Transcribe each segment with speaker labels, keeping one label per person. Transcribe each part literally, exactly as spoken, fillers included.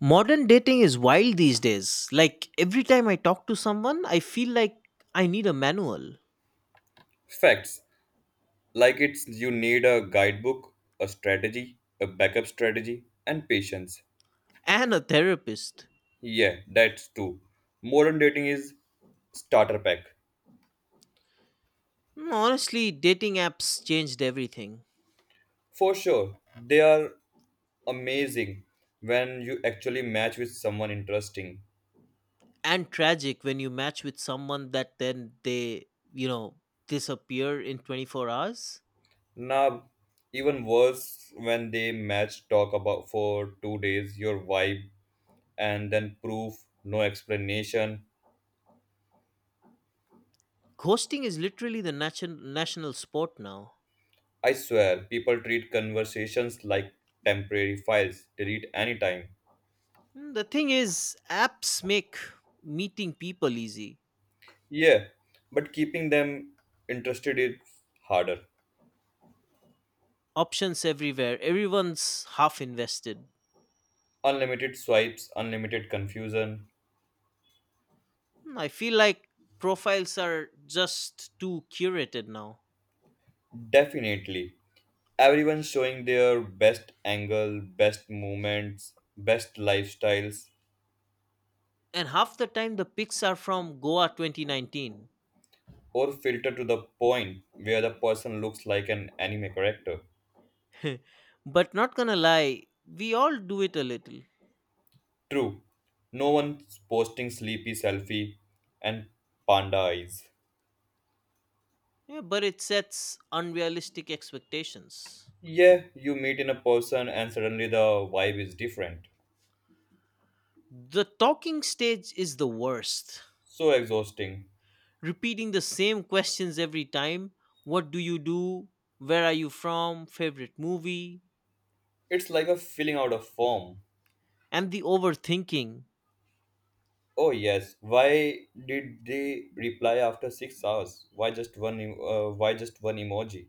Speaker 1: Modern dating is wild these days. Like every time I talk to someone, I feel like I need a manual
Speaker 2: Facts, like it's you need a guidebook, a strategy, a backup strategy, and patience.
Speaker 1: and a therapist.
Speaker 2: Yeah, that's true. Modern dating is starter pack.
Speaker 1: Mm, Honestly, dating apps changed everything.
Speaker 2: For sure, they are amazing when you actually match with someone interesting.
Speaker 1: And tragic when you match with someone that then they, you know, disappear in 24 hours.
Speaker 2: Now, even worse when they match talk about for two days your vibe and then proof, no explanation.
Speaker 1: Ghosting is literally the nation- national sport now.
Speaker 2: I swear, people treat conversations like temporary files, delete anytime.
Speaker 1: Mm, The thing is, apps make meeting people easy.
Speaker 2: Yeah, but keeping them interested is harder.
Speaker 1: Options everywhere. Everyone's half invested.
Speaker 2: Unlimited swipes, unlimited confusion.
Speaker 1: Hmm, I feel like profiles are just too curated now.
Speaker 2: Definitely. Everyone showing their best angle, best moments, best lifestyles,
Speaker 1: And half the time the pics are from Goa twenty nineteen.
Speaker 2: or filter to the point where the person looks like an anime character.
Speaker 1: But not gonna lie, we all do it a little.
Speaker 2: True, no one's posting sleepy selfie and panda eyes.
Speaker 1: Yeah, but it sets unrealistic expectations.
Speaker 2: Yeah, you meet in a person and suddenly the vibe is different.
Speaker 1: The talking stage is the worst.
Speaker 2: So exhausting.
Speaker 1: Repeating the same questions every time, what do you do? Where are you from? Favorite movie?
Speaker 2: It's like a filling out a form.
Speaker 1: And the overthinking.
Speaker 2: Oh yes, why did they reply after six hours? Why just one em- uh, why just one emoji?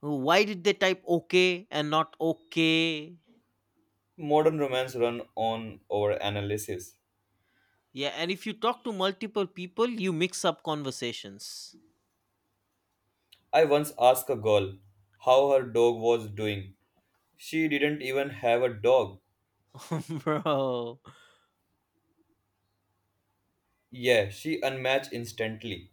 Speaker 1: Why did they type okay and not okay?
Speaker 2: Modern romance run on over analysis.
Speaker 1: Yeah, and if you talk to multiple people, you mix up conversations.
Speaker 2: I once asked a girl how her dog was doing. She didn't even have a dog.
Speaker 1: Bro.
Speaker 2: Yeah, she unmatched instantly.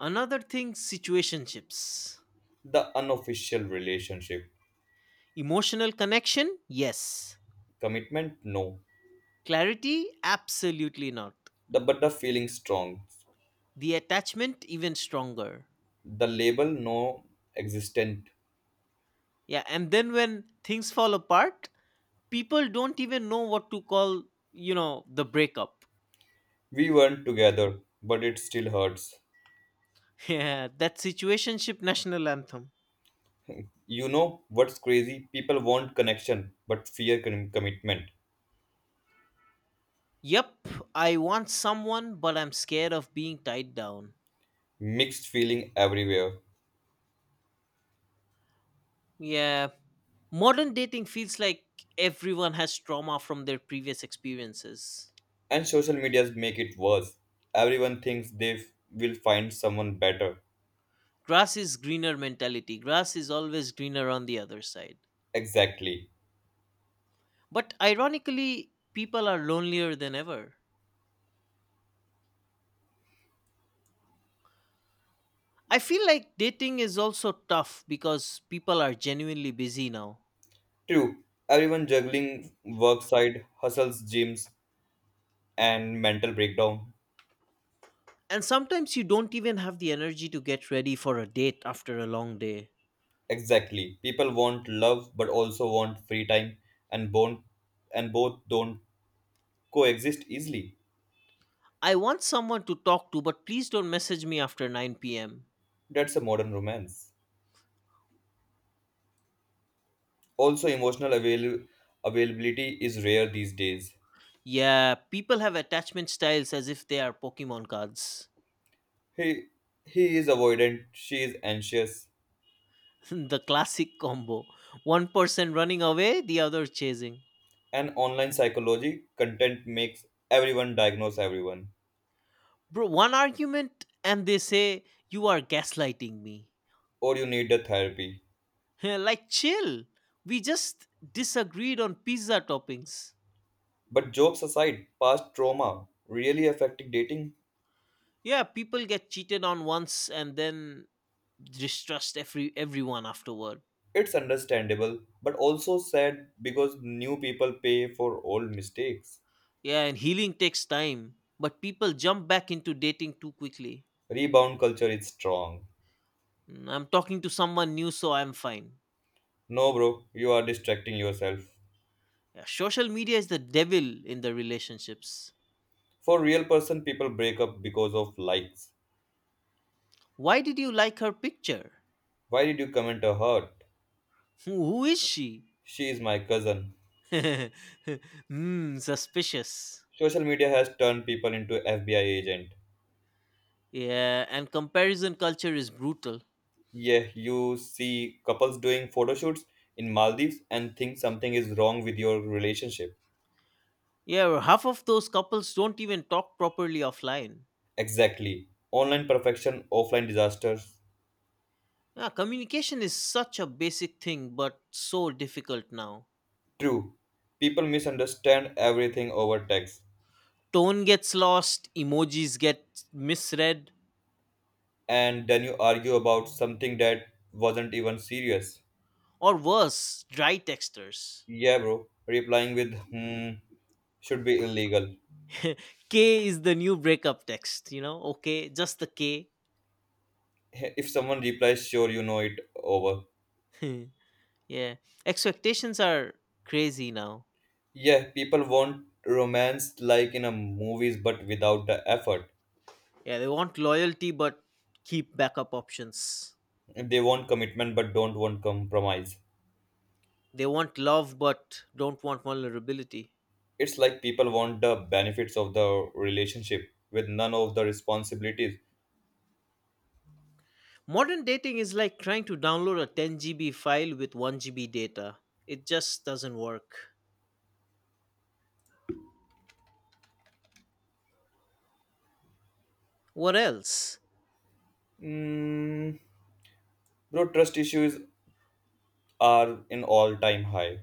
Speaker 1: Another thing, situationships.
Speaker 2: The unofficial relationship.
Speaker 1: Emotional connection? Yes.
Speaker 2: Commitment? No.
Speaker 1: Clarity? Absolutely not.
Speaker 2: The but the feeling strong.
Speaker 1: The attachment? Even stronger.
Speaker 2: The label no existent.
Speaker 1: Yeah, and then when things fall apart, people don't even know what to call, you know, the breakup.
Speaker 2: We weren't together, but it still hurts.
Speaker 1: Yeah, that situationship national anthem.
Speaker 2: You know what's crazy? People want connection but fear con- commitment.
Speaker 1: Yep, I want someone, but I'm scared of being tied down.
Speaker 2: Mixed feeling everywhere.
Speaker 1: Yeah, modern dating feels like everyone has trauma from their previous experiences.
Speaker 2: And social medias make it worse. Everyone thinks they f- will find someone better.
Speaker 1: Grass is greener mentality. Grass is always greener on the other side.
Speaker 2: Exactly.
Speaker 1: But ironically, people are lonelier than ever. I feel like dating is also tough because people are genuinely busy now.
Speaker 2: True. Everyone juggling work side, hustles, gyms, and mental breakdown.
Speaker 1: And sometimes you don't even have the energy to get ready for a date after a long day.
Speaker 2: Exactly. People want love but also want free time and bone and both don't coexist easily.
Speaker 1: I want someone to talk to, but please don't message me after nine p m.
Speaker 2: That's a modern romance. Also emotional avail- availability is rare these days.
Speaker 1: Yeah, people have attachment styles as if they are Pokemon cards.
Speaker 2: He he is avoidant, she is anxious.
Speaker 1: The classic combo. One person running away, the other chasing.
Speaker 2: And online psychology content makes everyone diagnose everyone.
Speaker 1: Bro, one argument and they say, "You are gaslighting me."
Speaker 2: Or you need a therapy.
Speaker 1: Like, chill. We just disagreed on pizza toppings.
Speaker 2: But jokes aside, past trauma really affecting dating.
Speaker 1: Yeah, people get cheated on once and then distrust every everyone afterward.
Speaker 2: It's understandable, but also sad because new people pay for old mistakes.
Speaker 1: Yeah, and healing takes time, but people jump back into dating too quickly.
Speaker 2: Rebound culture is strong.
Speaker 1: Mm, I'm talking to someone new, so I'm fine.
Speaker 2: No, bro, you are distracting yourself.
Speaker 1: Yeah, social media is the devil in the relationships.
Speaker 2: For real person, people break up because of likes.
Speaker 1: Why did you like her picture?
Speaker 2: Why did you comment a heart?
Speaker 1: Who is she?
Speaker 2: She is my cousin.
Speaker 1: Hmm, suspicious.
Speaker 2: Social media has turned people into F B I agent.
Speaker 1: Yeah, and comparison culture is brutal.
Speaker 2: Yeah, you see couples doing photo shoots in Maldives and think something is wrong with your relationship.
Speaker 1: Yeah, well, half of those couples don't even talk properly offline.
Speaker 2: Exactly. Online perfection, offline disaster.
Speaker 1: Yeah, communication is such a basic thing, but so difficult now.
Speaker 2: True, people misunderstand everything over text,
Speaker 1: Tone gets lost, emojis get misread.
Speaker 2: and then you argue about something that wasn't even serious.
Speaker 1: Or worse, dry texters.
Speaker 2: Yeah, bro, replying with hmm should be illegal.
Speaker 1: K is the new breakup text, you know? Okay, just the K.
Speaker 2: Hey, if someone replies, sure, you know it over.
Speaker 1: Yeah. Expectations are crazy now.
Speaker 2: Yeah, people want romance like in a movies but without the effort.
Speaker 1: Yeah, they want loyalty but keep backup options.
Speaker 2: They want commitment but don't want compromise.
Speaker 1: They want love but don't want vulnerability.
Speaker 2: It's like people want the benefits of the relationship with none of the responsibilities.
Speaker 1: Modern dating is like trying to download a ten G B file with one G B data. It just doesn't work. What else?
Speaker 2: Mm, Bro, trust issue is are in all time high.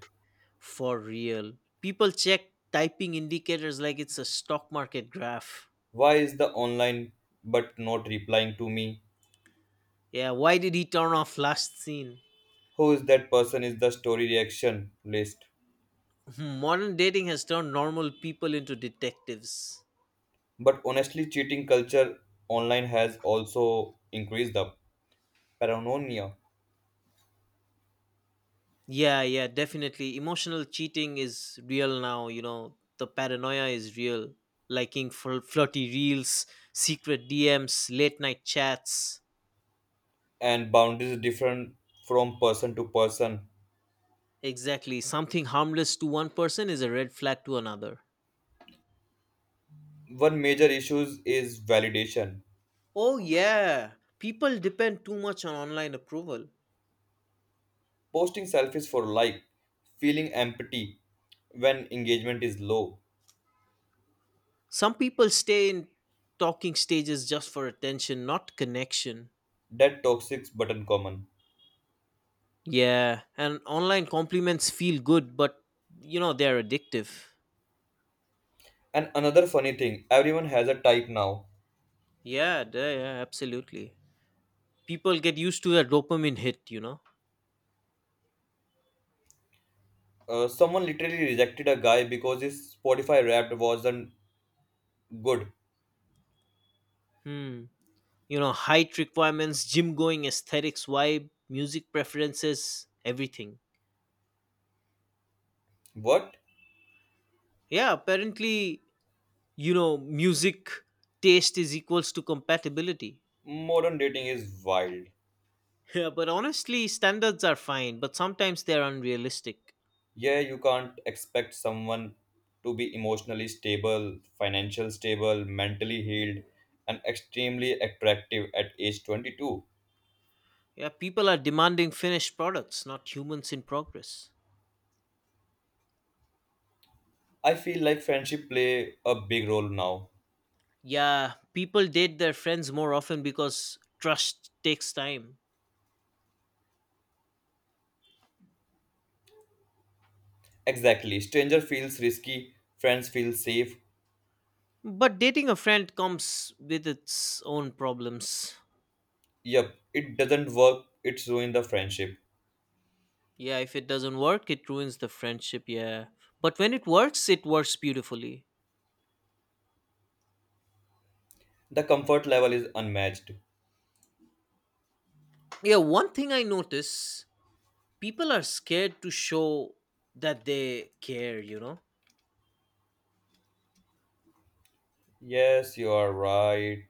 Speaker 1: For real. People check typing indicators like it's a stock market graph.
Speaker 2: Why is the online but not replying to me?
Speaker 1: Yeah, why did he turn off last scene?
Speaker 2: Who is that person is the story reaction list.
Speaker 1: Modern dating has turned normal people into detectives.
Speaker 2: But honestly, cheating culture online has also increased the paranoia,
Speaker 1: Yeah, yeah, definitely. Emotional cheating is real now, you know. The paranoia is real. Liking fl- flirty reels, secret D Ms, late night chats.
Speaker 2: and boundaries different from person to person.
Speaker 1: Exactly. Something harmless to one person is a red flag to another.
Speaker 2: One major issue is validation.
Speaker 1: Oh, yeah. People depend too much on online approval.
Speaker 2: Posting selfies for like, feeling empty when engagement is low.
Speaker 1: Some people stay in talking stages just for attention, not connection.
Speaker 2: That toxic but uncommon.
Speaker 1: Yeah, and online compliments feel good, but you know, they're addictive.
Speaker 2: And another funny thing, everyone has a type now.
Speaker 1: Yeah, d- yeah, absolutely. People get used to a dopamine hit, you know.
Speaker 2: Uh, someone literally rejected a guy because his Spotify Wrapped wasn't good.
Speaker 1: Hmm. You know, height requirements, gym going aesthetics, vibe, music preferences, everything.
Speaker 2: What?
Speaker 1: Yeah, apparently, you know, music taste is equals to compatibility.
Speaker 2: Modern dating is wild.
Speaker 1: Yeah, but honestly, standards are fine, but sometimes they're unrealistic.
Speaker 2: Yeah, you can't expect someone to be emotionally stable, financially stable, mentally healed, and extremely attractive at age twenty-two.
Speaker 1: Yeah, people are demanding finished products, not humans in progress.
Speaker 2: I feel like friendship play a big role now.
Speaker 1: Yeah, people date their friends more often because trust takes time.
Speaker 2: Exactly. Stranger feels risky, friends feel safe.
Speaker 1: But dating a friend comes with its own problems.
Speaker 2: Yep, it doesn't work, it's ruined the friendship.
Speaker 1: Yeah, if it doesn't work, it ruins the friendship. Yeah. But when it works, it works beautifully.
Speaker 2: The comfort level is unmatched.
Speaker 1: Yeah, one thing I notice, people are scared to show that they care, you know?
Speaker 2: Yes, you are right.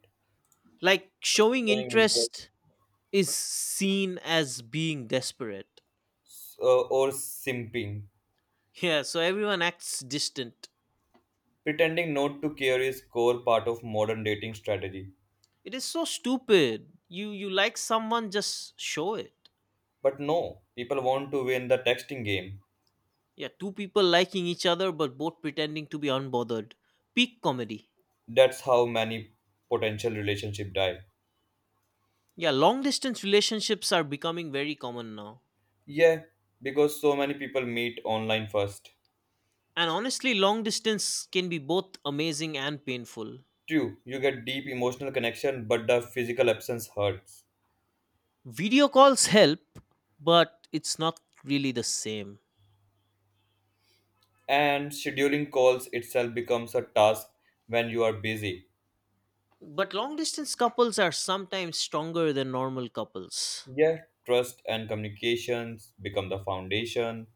Speaker 1: Like showing
Speaker 2: Showing interest,
Speaker 1: interest is seen as being desperate.
Speaker 2: uh, or simping.
Speaker 1: Yeah, so everyone acts distant.
Speaker 2: Pretending not to care is core part of modern dating strategy.
Speaker 1: It is so stupid. You you like someone, just show it.
Speaker 2: But no, people want to win the texting game.
Speaker 1: Yeah, two people liking each other but both pretending to be unbothered. Peak comedy.
Speaker 2: That's how many potential relationship die.
Speaker 1: Yeah, long distance relationships are becoming very common now.
Speaker 2: Yeah, because so many people meet online first.
Speaker 1: And honestly, long distance can be both amazing and painful.
Speaker 2: True, you get deep emotional connection, but the physical absence hurts.
Speaker 1: Video calls help, but it's not really the same.
Speaker 2: And scheduling calls itself becomes a task when you are busy.
Speaker 1: But long distance couples are sometimes stronger than normal couples.
Speaker 2: Yeah, trust and communications become the foundation.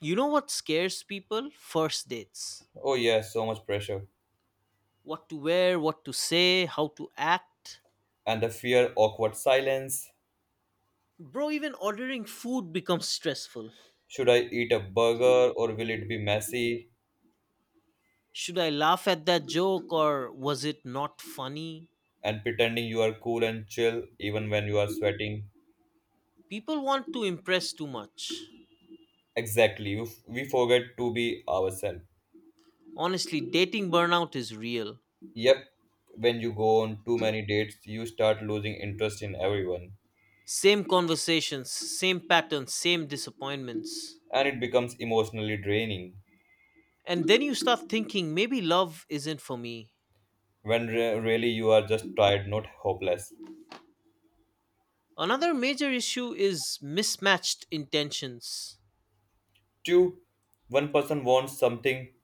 Speaker 1: You know what scares people? First dates.
Speaker 2: Oh, yeah, so much pressure.
Speaker 1: What to wear, what to say, how to act.
Speaker 2: And the fear, awkward silence.
Speaker 1: Bro, even ordering food becomes stressful.
Speaker 2: Should I eat a burger or will it be messy?
Speaker 1: Should I laugh at that joke or was it not funny?
Speaker 2: And pretending you are cool and chill even when you are sweating.
Speaker 1: People want to impress too much.
Speaker 2: Exactly, you f- we forget to be ourselves.
Speaker 1: Honestly, dating burnout is real.
Speaker 2: Yep, when you go on too many dates, you start losing interest in everyone.
Speaker 1: Same conversations, same patterns, same disappointments.
Speaker 2: And it becomes emotionally draining
Speaker 1: And then you start thinking, maybe love isn't for me.
Speaker 2: when re- really you are just tired, not hopeless.
Speaker 1: Another major issue is mismatched intentions.
Speaker 2: Two, one person wants something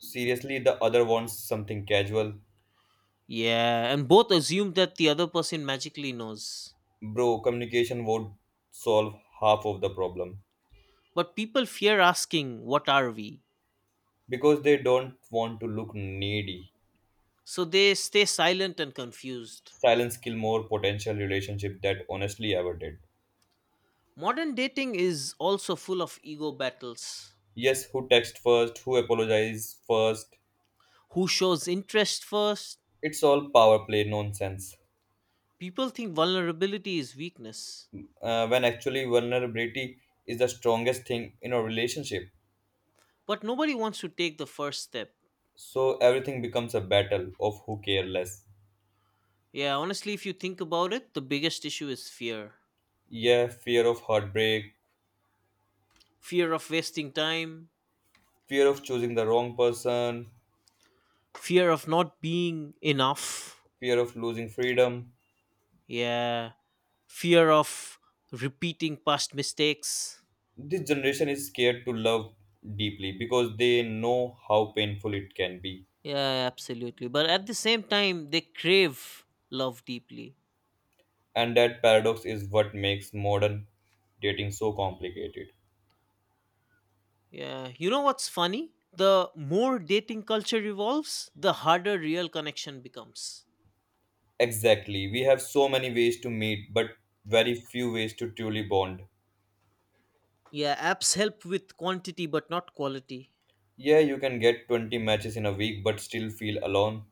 Speaker 2: seriously, the other wants something casual.
Speaker 1: Yeah, and both assume that the other person magically knows.
Speaker 2: Bro, communication would solve half of the problem
Speaker 1: But people fear asking, "What are we?"
Speaker 2: because they don't want to look needy.
Speaker 1: So they stay silent and confused.
Speaker 2: Silence kill more potential relationship that honestly ever did.
Speaker 1: Modern dating is also full of ego battles.
Speaker 2: Yes, who text first, who apologize first.
Speaker 1: Who shows interest first?
Speaker 2: It's all power play nonsense.
Speaker 1: People think vulnerability is weakness,
Speaker 2: Uh, when actually vulnerability is the strongest thing in a relationship.
Speaker 1: but nobody wants to take the first step.
Speaker 2: So everything becomes a battle of who care less.
Speaker 1: Yeah, honestly, if you think about it, the biggest issue is fear
Speaker 2: Yeah, fear of heartbreak,
Speaker 1: fear of wasting time,
Speaker 2: fear of choosing the wrong person,
Speaker 1: fear of not being enough.
Speaker 2: fear of losing freedom.
Speaker 1: Yeah, fear of repeating past mistakes.
Speaker 2: This generation is scared to love deeply because they know how painful it can be.
Speaker 1: Yeah, absolutely. But at the same time, they crave love deeply.
Speaker 2: And that paradox is what makes modern dating so complicated.
Speaker 1: Yeah, you know what's funny? The more dating culture evolves, the harder real connection becomes.
Speaker 2: Exactly. We have so many ways to meet, but very few ways to truly bond.
Speaker 1: Yeah, apps help with quantity but not quality.
Speaker 2: Yeah, you can get twenty matches in a week, but still feel alone.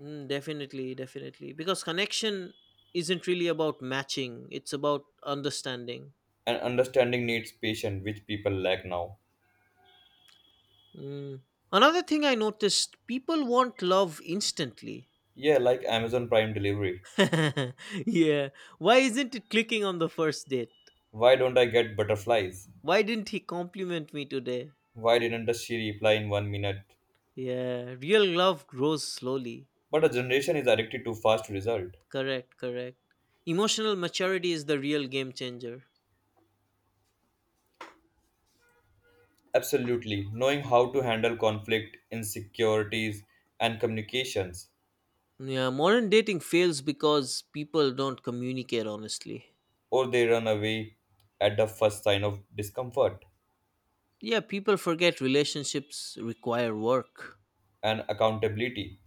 Speaker 1: Mm, definitely, definitely. Because connection isn't really about matching, it's about understanding.
Speaker 2: And understanding needs patience, which people lack now.
Speaker 1: Mm. Another thing I noticed, people want love instantly.
Speaker 2: Yeah, like Amazon Prime delivery.
Speaker 1: Yeah, why isn't it clicking on the first date?
Speaker 2: Why don't I get butterflies?
Speaker 1: Why didn't he compliment me today?
Speaker 2: Why didn't she reply in one minute?
Speaker 1: Yeah, real love grows slowly.
Speaker 2: But a generation is addicted to fast result.
Speaker 1: Correct, correct. Emotional maturity is the real game changer.
Speaker 2: Absolutely, knowing how to handle conflict, insecurities, and communications,
Speaker 1: Yeah, modern dating fails because people don't communicate honestly.
Speaker 2: or they run away at the first sign of discomfort
Speaker 1: Yeah, people forget relationships require work
Speaker 2: and accountability,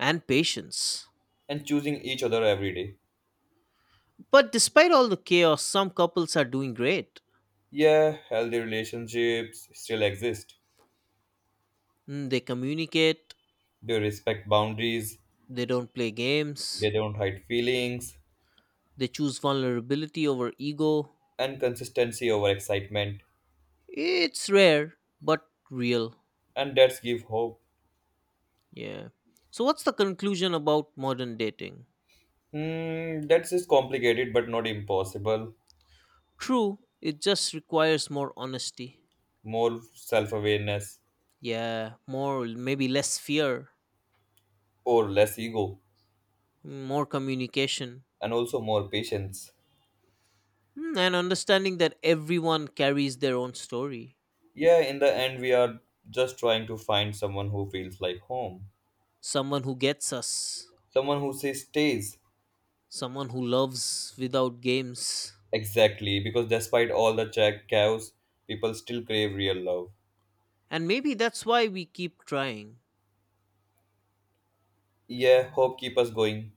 Speaker 1: and patience.
Speaker 2: and choosing each other every day.
Speaker 1: But despite all the chaos, some couples are doing great.
Speaker 2: Yeah, healthy relationships still exist.
Speaker 1: Mm, They communicate,
Speaker 2: They respect boundaries,
Speaker 1: they don't play
Speaker 2: they
Speaker 1: games,
Speaker 2: don't hide feelings,
Speaker 1: they choose vulnerability over ego.
Speaker 2: and consistency over excitement,
Speaker 1: It's rare, but real.
Speaker 2: and that's give hope.
Speaker 1: Yeah. So, what's the conclusion about modern dating?
Speaker 2: Hmm, that's just complicated but not impossible.
Speaker 1: True, it just requires more honesty.
Speaker 2: More self awareness
Speaker 1: Yeah, more, maybe less fear,
Speaker 2: or less ego
Speaker 1: more communication,
Speaker 2: and also more patience.
Speaker 1: mm, and understanding that everyone carries their own story.
Speaker 2: Yeah, in the end, we are just trying to find someone who feels like home,
Speaker 1: Someone who gets us,
Speaker 2: someone who says stays.
Speaker 1: someone who loves without games.
Speaker 2: Exactly, because despite all the cha- chaos, people still crave real love.
Speaker 1: And maybe that's why we keep trying.
Speaker 2: Yeah, hope keep us going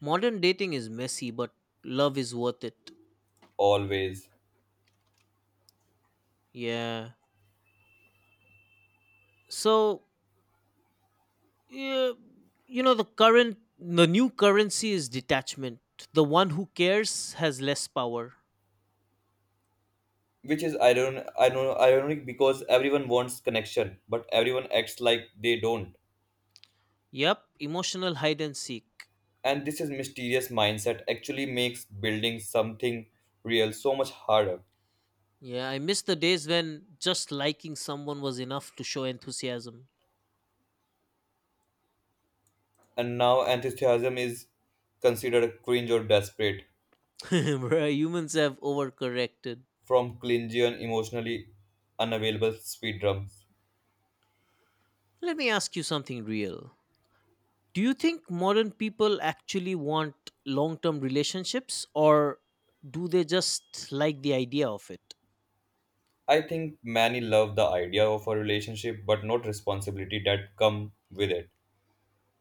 Speaker 1: Modern dating is messy, but love is worth it.
Speaker 2: always.
Speaker 1: Yeah. So, yeah, you know, the current, the new currency is detachment. The one who cares has less power.
Speaker 2: Which is iron, iron, ironic because everyone wants connection, but everyone acts like they don't.
Speaker 1: Yep, emotional hide and seek.
Speaker 2: And this is mysterious mindset actually makes building something real so much harder.
Speaker 1: Yeah, I miss the days when just liking someone was enough to show enthusiasm.
Speaker 2: And now enthusiasm is considered cringe or desperate
Speaker 1: Bruh, humans have overcorrected.
Speaker 2: from clingy and emotionally unavailable speed drums.
Speaker 1: Let me ask you something real. Do you think modern people actually want long term relationships or do they just like the idea of it?
Speaker 2: I think many love the idea of a relationship but not responsibility that come with it.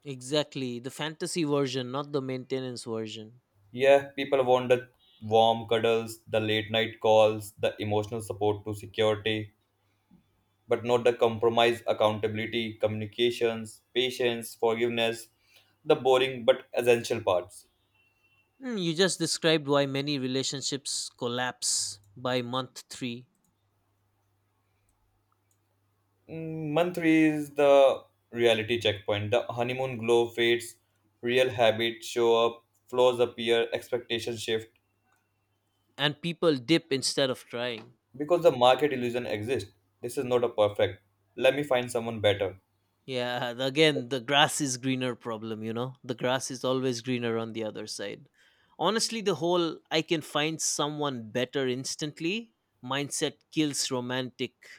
Speaker 1: Exactly, the fantasy version, not the maintenance version.
Speaker 2: Yeah, people want the warm cuddles, the late night calls, the emotional support to security, but not the compromise, accountability, communications, patience, forgiveness, the boring but essential parts.
Speaker 1: Hmm, you just described why many relationships collapse by month three,
Speaker 2: Mm, Month three is the reality checkpoint. The honeymoon glow fades, real habits show up, flaws appear, expectations shift.
Speaker 1: and people dip instead of trying.
Speaker 2: Because the market illusion exists, this is not a perfect. Let me find someone better.
Speaker 1: Yeah, and again, the grass is greener problem, you know? The grass is always greener on the other side. Honestly, the whole "I can find someone better instantly" mindset kills romantic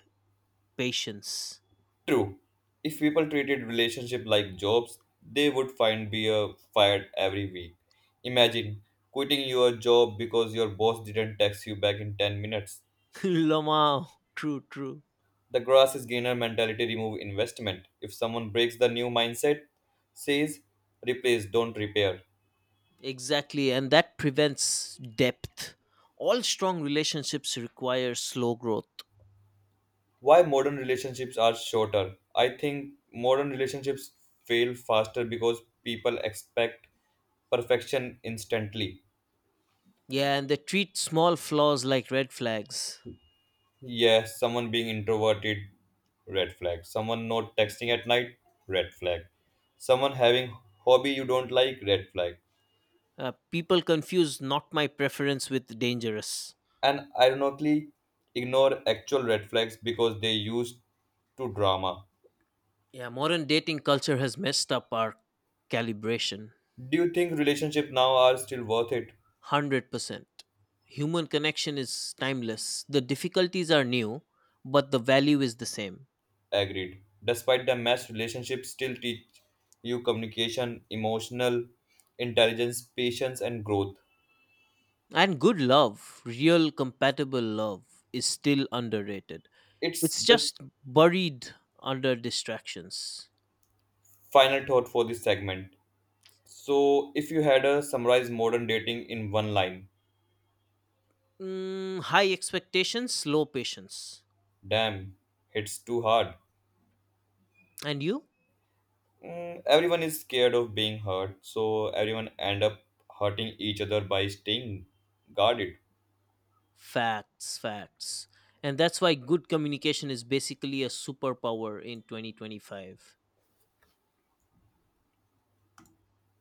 Speaker 1: patience.
Speaker 2: True. If people treated relationship like jobs, they would find beer fired every week. Imagine quitting your job because your boss didn't text you back in ten minutes.
Speaker 1: Lomao. True, true.
Speaker 2: The grass is greener mentality remove investment. If someone breaks the new mindset, says replace, don't repair.
Speaker 1: Exactly, and that prevents depth. All strong relationships require slow growth.
Speaker 2: Why modern relationships are shorter? I think modern relationships fail faster because people expect perfection instantly.
Speaker 1: Yeah, and they treat small flaws like red flags.
Speaker 2: Yes, someone being introverted, red flag. Someone not texting at night, red flag. Someone having hobby you don't like, red flag.
Speaker 1: Uh, people confuse "not my preference" with dangerous.
Speaker 2: And ironically ignore actual red flags because they used to drama.
Speaker 1: Yeah, modern dating culture has messed up our calibration.
Speaker 2: Do you think relationships now are still worth it?
Speaker 1: one hundred percent. Human connection is timeless. The difficulties are new, but the value is the same.
Speaker 2: Agreed. Despite the mess, relationships still teach you communication, emotional intelligence, patience, and growth.
Speaker 1: And good love, real compatible love, is still underrated.
Speaker 2: It's
Speaker 1: It's
Speaker 2: the
Speaker 1: just buried under distractions.
Speaker 2: final thought for this segment. So, if you had to summarize modern dating in one line,
Speaker 1: Mm, high expectations, low patience.
Speaker 2: damn, it's too hard.
Speaker 1: And you?
Speaker 2: Mm, everyone is scared of being hurt, so everyone end up hurting each other by staying guarded.
Speaker 1: Facts, facts. And that's why good communication is basically a superpower in twenty twenty-five.